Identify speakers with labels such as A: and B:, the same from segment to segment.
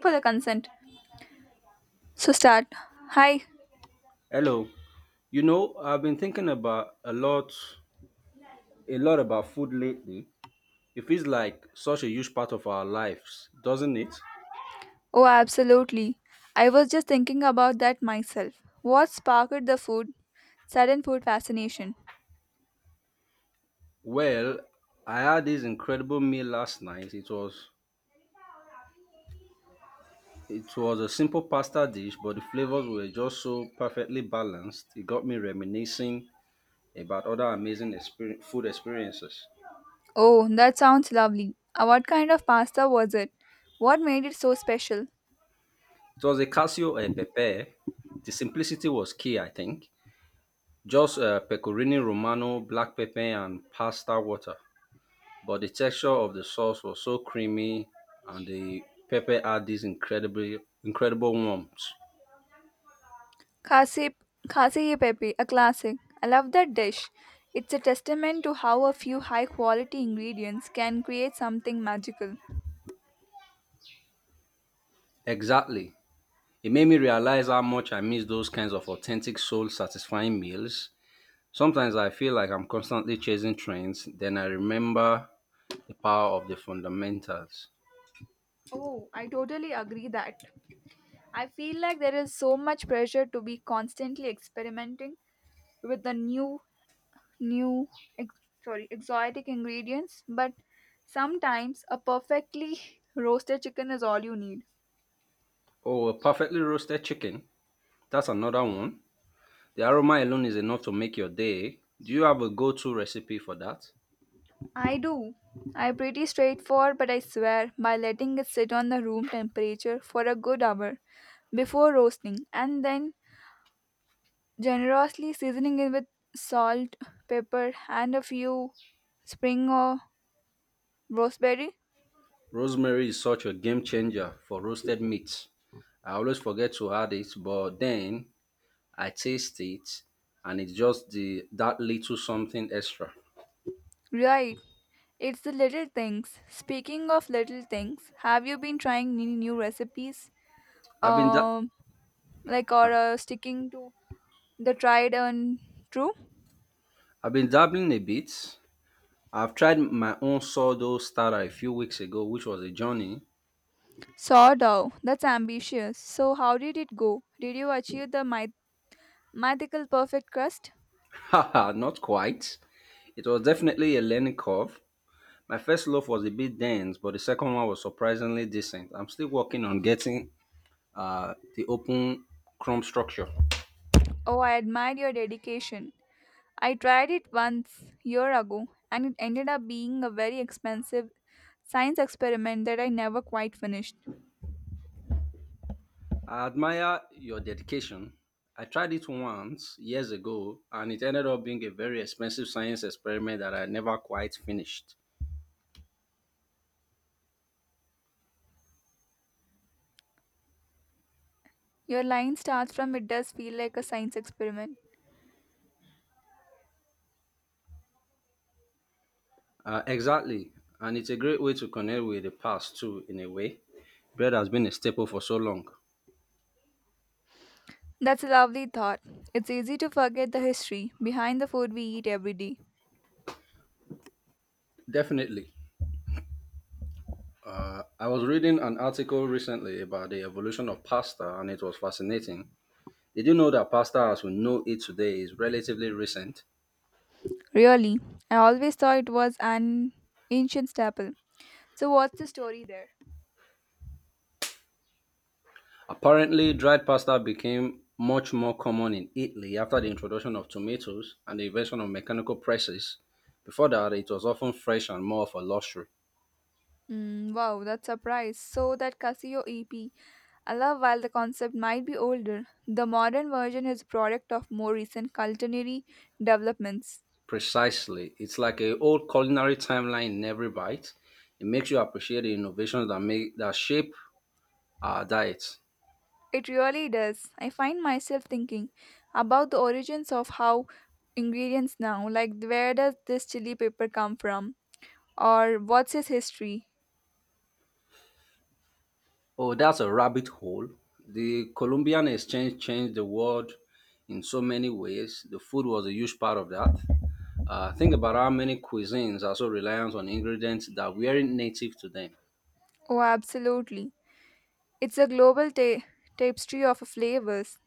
A: For the consent. So start. Hi.
B: Hello. You know, I've been thinking about a lot about food lately. It feels like such a huge part of our lives, doesn't it?
A: Oh, absolutely. I was just thinking about that myself. What sparked the food? Sudden food fascination.
B: Well, I had this incredible meal last night. It was a simple pasta dish, but the flavors were just so perfectly balanced. It got me reminiscing about other amazing food experiences.
A: Oh, that sounds lovely. What kind of pasta was it? What made it so special?
B: It was a Casio e Pepe. The simplicity was key, I think. Just pecorino romano, black pepper, and pasta water. But the texture of the sauce was so creamy and the pepper had this incredibly incredible warmth.
A: Kasi, kasi e pepe, a classic. I love that dish. It's a testament to how a few high quality ingredients can create something magical.
B: Exactly. It made me realize how much I miss those kinds of authentic soul satisfying meals. Sometimes I feel like I'm constantly chasing trends, then I remember the power of the fundamentals.
A: Oh, I totally agree that. I feel like there is so much pressure to be constantly experimenting with the new, ex- exotic ingredients, but sometimes a perfectly roasted chicken is all you need.
B: Oh, a perfectly roasted chicken. That's another one. The aroma alone is enough to make your day. Do you have a go to recipe for that?
A: I do. I'm pretty straightforward, but I swear by letting it sit on the room temperature for a good hour before roasting and then generously seasoning it with salt, pepper, and a few spring or roseberry.
B: Rosemary is such a game changer for roasted meats. I always forget to add it, but then I taste it and it's just the that little something extra.
A: Right, it's the little things. Speaking of little things, have you been trying any new recipes?
B: I've been da-
A: Um, like or
B: Sorry.
A: sticking to the tried and true?
B: I've been dabbling a bit. I've tried my own sourdough starter a few weeks ago, which was a journey.
A: Sourdough. That's ambitious. So how did it go? Did you achieve the mythical perfect crust?
B: Haha, not quite. It was definitely a learning curve. My first loaf was a bit dense, but the second one was surprisingly decent. I'm still working on getting the open crumb structure.
A: Oh, I admire your dedication. I tried it once year ago, and it ended up being a very expensive science experiment that I never quite finished.
B: I admire your dedication. I tried it once years ago and it ended up being a very expensive science experiment that I never quite finished.
A: Your line starts from it does feel like a science experiment.
B: Exactly. And it's a great way to connect with the past too, in a way. Bread has been a staple for so long.
A: That's a lovely thought. It's easy to forget the history behind the food we eat every day.
B: Definitely. I was reading an article recently about the evolution of pasta, and it was fascinating. Did you know that pasta as we know it today is relatively recent?
A: Really, I always thought it was an ancient staple. So, what's the story there?
B: Apparently, dried pasta became much more common in Italy after the introduction of tomatoes and the invention of mechanical presses. Before that, it was often fresh and more of a luxury.
A: Wow, that's surprise. So, that Casio EP, I love while the concept might be older, the modern version is a product of more recent culinary developments.
B: Precisely. It's like a old culinary timeline in every bite. It makes you appreciate the innovations that make that shape our diet.
A: It really does. I find myself thinking about the origins of how ingredients now, like where does this chili pepper come from or what's its history?
B: Oh, that's a rabbit hole. The Colombian exchange changed the world in so many ways. The food was a huge part of that. Think about how many cuisines are so reliant on ingredients that weren't native to them.
A: Oh, absolutely. It's a global tapestry of flavors.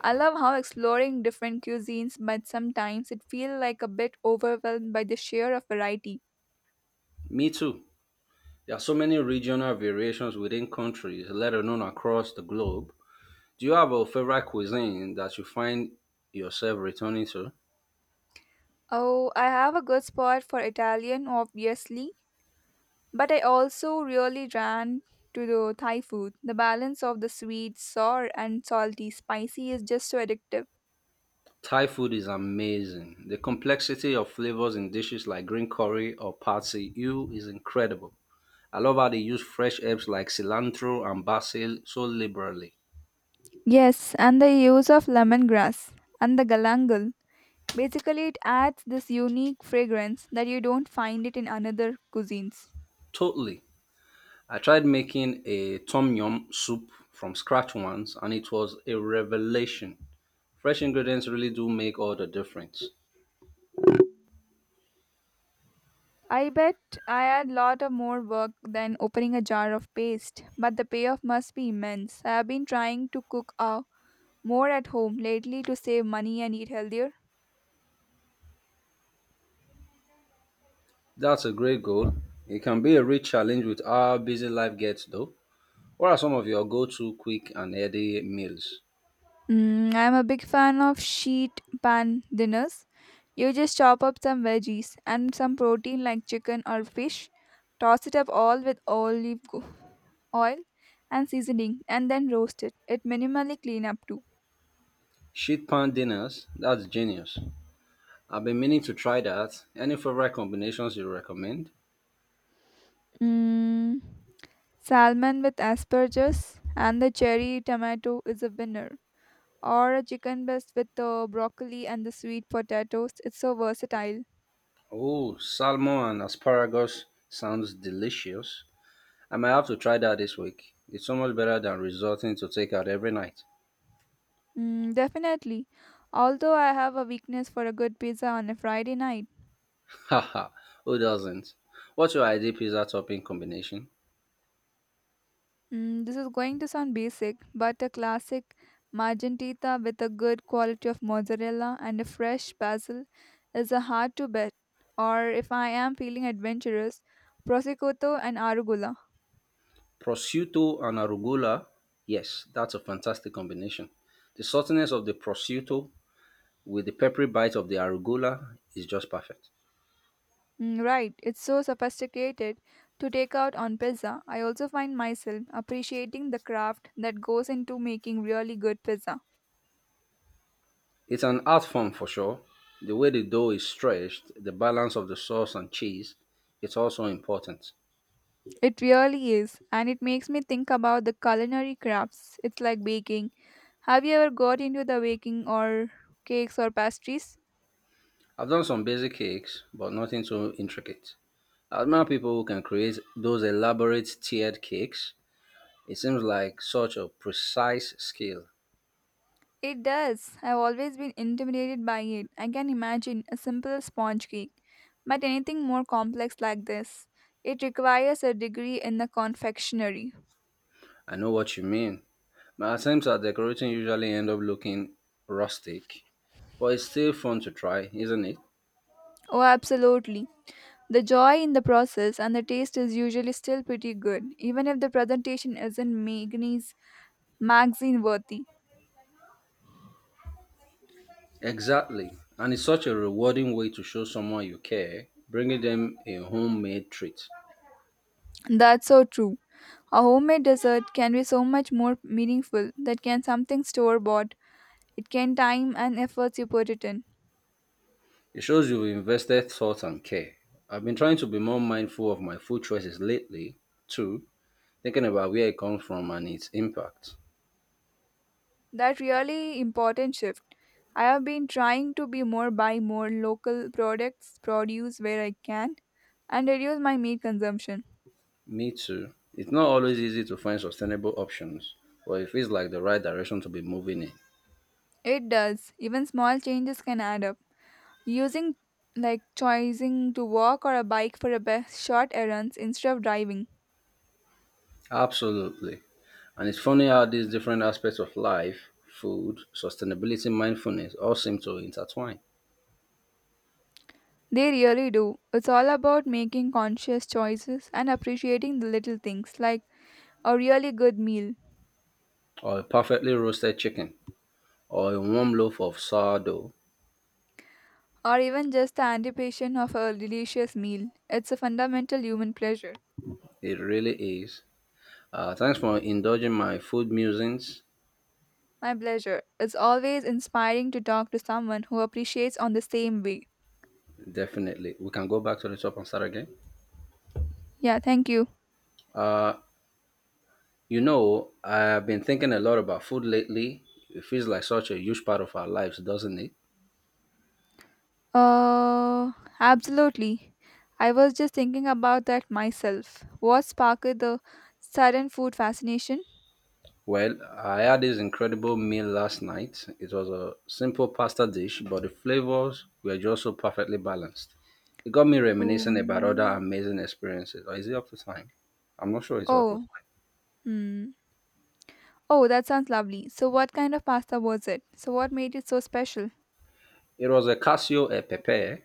A: I love how exploring different cuisines, but sometimes it feels like a bit overwhelmed by the sheer of variety.
B: Me too. There are so many regional variations within countries, let alone across the globe. Do you have a favorite cuisine that you find yourself returning to?
A: Oh, I have a good spot for Italian, obviously. But I also really ran to the Thai food. The balance of the sweet, sour, and salty, spicy is just so addictive.
B: Thai food is amazing. The complexity of flavors in dishes like green curry or pad see ew is incredible. I love how they use fresh herbs like cilantro and basil so liberally.
A: Yes, and the use of lemongrass and the galangal. Basically, it adds this unique fragrance that you don't find it in another cuisines.
B: Totally. I tried making a tom yum soup from scratch once and it was a revelation. Fresh ingredients really do make all the difference.
A: I bet I had lot of more work than opening a jar of paste, but the payoff must be immense. I have been trying to cook more at home lately to save money and eat healthier.
B: That's a great goal. It can be a real challenge with how busy life gets though. What are some of your go-to quick and heady meals?
A: I'm a big fan of sheet pan dinners. You just chop up some veggies and some protein like chicken or fish, toss it up all with oil and seasoning, and then roast it. It minimally clean up too.
B: Sheet pan dinners? That's genius. I've been meaning to try that. Any favorite combinations you recommend?
A: Mm, salmon with asperges and the cherry tomato is a winner. Or a chicken breast with the broccoli and the sweet potatoes. It's so versatile.
B: Oh, salmon and asparagus sounds delicious. I might have to try that this week. It's so much better than resorting to takeout every night.
A: Definitely. Although I have a weakness for a good pizza on a Friday night.
B: Haha, who doesn't? What's your ideal pizza topping combination?
A: This is going to sound basic, but a classic margentita with a good quality of mozzarella and a fresh basil is a hard to bet. Or if I am feeling adventurous, prosciutto and arugula.
B: Prosciutto and arugula? Yes, that's a fantastic combination. The saltiness of the prosciutto with the peppery bite of the arugula is just perfect.
A: Right, it's so sophisticated to take out on pizza. I also find myself appreciating the craft that goes into making really good pizza.
B: It's an art form for sure. The way the dough is stretched, the balance of the sauce and cheese, it's also important.
A: It really is, and it makes me think about the culinary crafts. It's like baking. Have you ever got into the baking or cakes or pastries?
B: I've done some basic cakes, but nothing too intricate. I admire people who can create those elaborate tiered cakes. It seems like such a precise skill.
A: It does. I've always been intimidated by it. I can imagine a simple sponge cake, but anything more complex like this, it requires a degree in the confectionery.
B: I know what you mean. My attempts at decorating usually end up looking rustic, but it's still fun to try, isn't it?
A: Oh, absolutely. The joy in the process and the taste is usually still pretty good, even if the presentation isn't magazine worthy.
B: Exactly. And it's such a rewarding way to show someone you care, bringing them a homemade treat.
A: That's so true. A homemade dessert can be so much more meaningful than can something store bought. It can time and efforts you put it in.
B: It shows you've invested thought and care. I've been trying to be more mindful of my food choices lately, too, thinking about where it comes from and its impact.
A: That really important shift. I have been trying to be more buy more local products, produce where I can, and reduce my meat consumption.
B: Me too. It's not always easy to find sustainable options, but it feels like the right direction to be moving in.
A: It does. Even small changes can add up. Using like choosing to walk or a bike for a best short errands instead of driving.
B: Absolutely. And it's funny how these different aspects of life, food, sustainability, mindfulness, all seem to intertwine.
A: They really do. It's all about making conscious choices and appreciating the little things like a really good meal
B: Or a perfectly roasted chicken, or a warm loaf of sourdough.
A: or even just the anticipation of a delicious meal. It's a fundamental human pleasure.
B: It really is. Thanks for indulging my food musings.
A: My pleasure. It's always inspiring to talk to someone who appreciates on the same way.
B: Definitely. We can go back to the top and start again.
A: Yeah, thank you.
B: Uh, You know, I've been thinking a lot about food lately. It feels like such a huge part of our lives, doesn't it?
A: Uh absolutely. I was just thinking about that myself. What sparked the sudden food fascination?
B: Well, I had this incredible meal last night. It was a simple pasta dish, but the flavors were just so perfectly balanced. It got me reminiscing about other
A: Um,
B: amazing experiences. Or is it up to time? I'm not sure it's up to
A: oh,
B: time.
A: hmm. Oh, that sounds lovely. So, what kind of pasta was it? So, what made it so special?
B: It was a Casio e Pepe.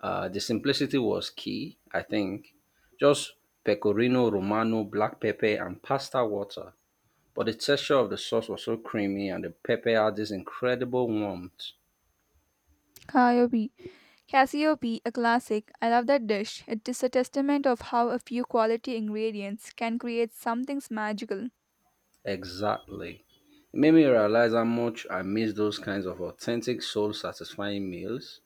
B: The simplicity was key, I think. Just pecorino romano, black pepper, and pasta water. But the texture of the sauce was so creamy and the pepper had this incredible warmth.
A: Cassiope. Cassiope, a classic. I love that dish. It is a testament of how a few quality ingredients can create something magical.
B: Exactly. It made me realize how much I miss those kinds of authentic, soul satisfying meals.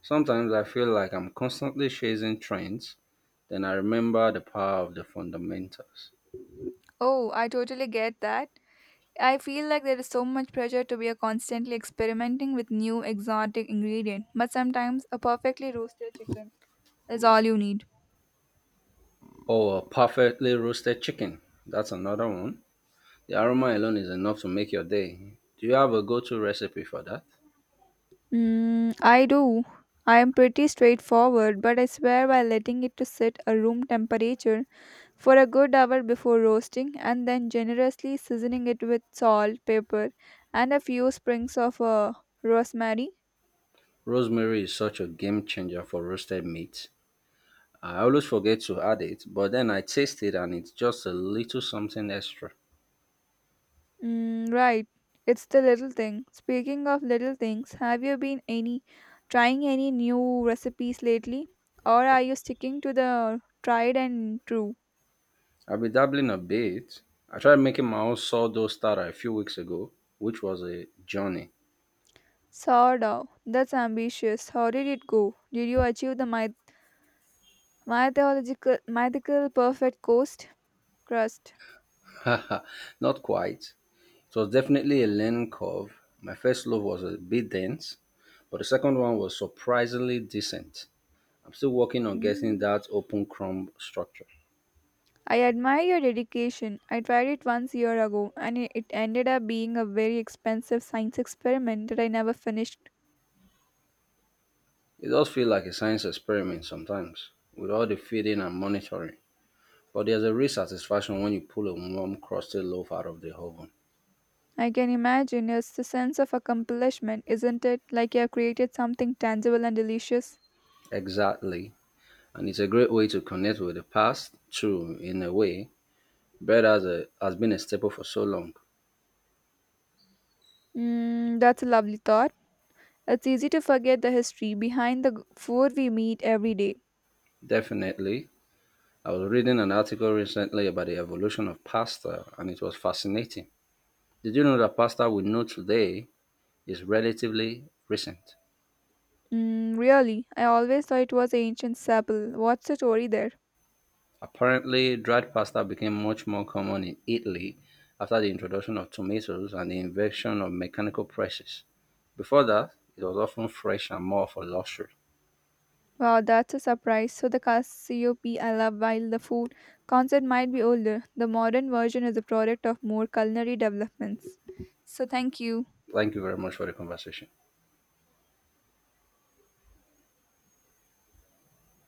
B: Sometimes I feel like I'm constantly chasing trends, then I remember the power of the fundamentals.
A: Oh, I totally get that. I feel like there is so much pressure to be a constantly experimenting with new exotic ingredient, but sometimes a perfectly roasted chicken is all you need.
B: Or a perfectly roasted chicken. That's another one. The aroma alone is enough to make your day. Do you have a go to recipe for that?
A: I do. I am pretty straightforward, but I swear by letting it to sit a room temperature for a good hour before roasting, and then generously seasoning it with salt, pepper, and a few sprigs of rosemary.
B: Rosemary is such a game changer for roasted meat. I always forget to add it, but then I taste it and it's just a little something extra.
A: Right, it's the little thing. Speaking of little things, have you been any trying any new recipes lately, or are you sticking to the tried and true?
B: I've been dabbling a bit. I tried making my own sourdough starter a few weeks ago, which was a journey.
A: Sourdough. That's ambitious. How did it go? Did you achieve the mythical perfect coast crust?
B: Not quite. It was definitely a learning curve. My first loaf was a bit dense, but the second one was surprisingly decent. I'm still working on getting
A: Mm.
B: that open crumb structure.
A: I admire your dedication. I tried it once year ago and it ended up being a very expensive science experiment that I never finished.
B: It does feel like a science experiment sometimes, with all the feeding and monitoring. But there's a real satisfaction when you pull a warm, crusty loaf out of the oven.
A: I can imagine it's the sense of accomplishment, isn't it? Like you have created something tangible and delicious.
B: Exactly. And it's a great way to connect with the past, too, in a way. Bread has been a staple for so long.
A: That's a lovely thought. It's easy to forget the history behind the food we meet every day.
B: Definitely. I was reading an article recently about the evolution of pasta, and it was fascinating. Did you know that pasta we know today is relatively recent?
A: Really, I always thought it was ancient Sapple. What's the story there?
B: Apparently, dried pasta became much more common in Italy after the introduction of tomatoes and the invention of mechanical presses. Before that, it was often fresh and more for luxury.
A: Wow, that's a surprise. So the Cassiope I love while the food concept might be older. The modern version is a product of more culinary developments. So thank you.
B: Thank you very much for the conversation.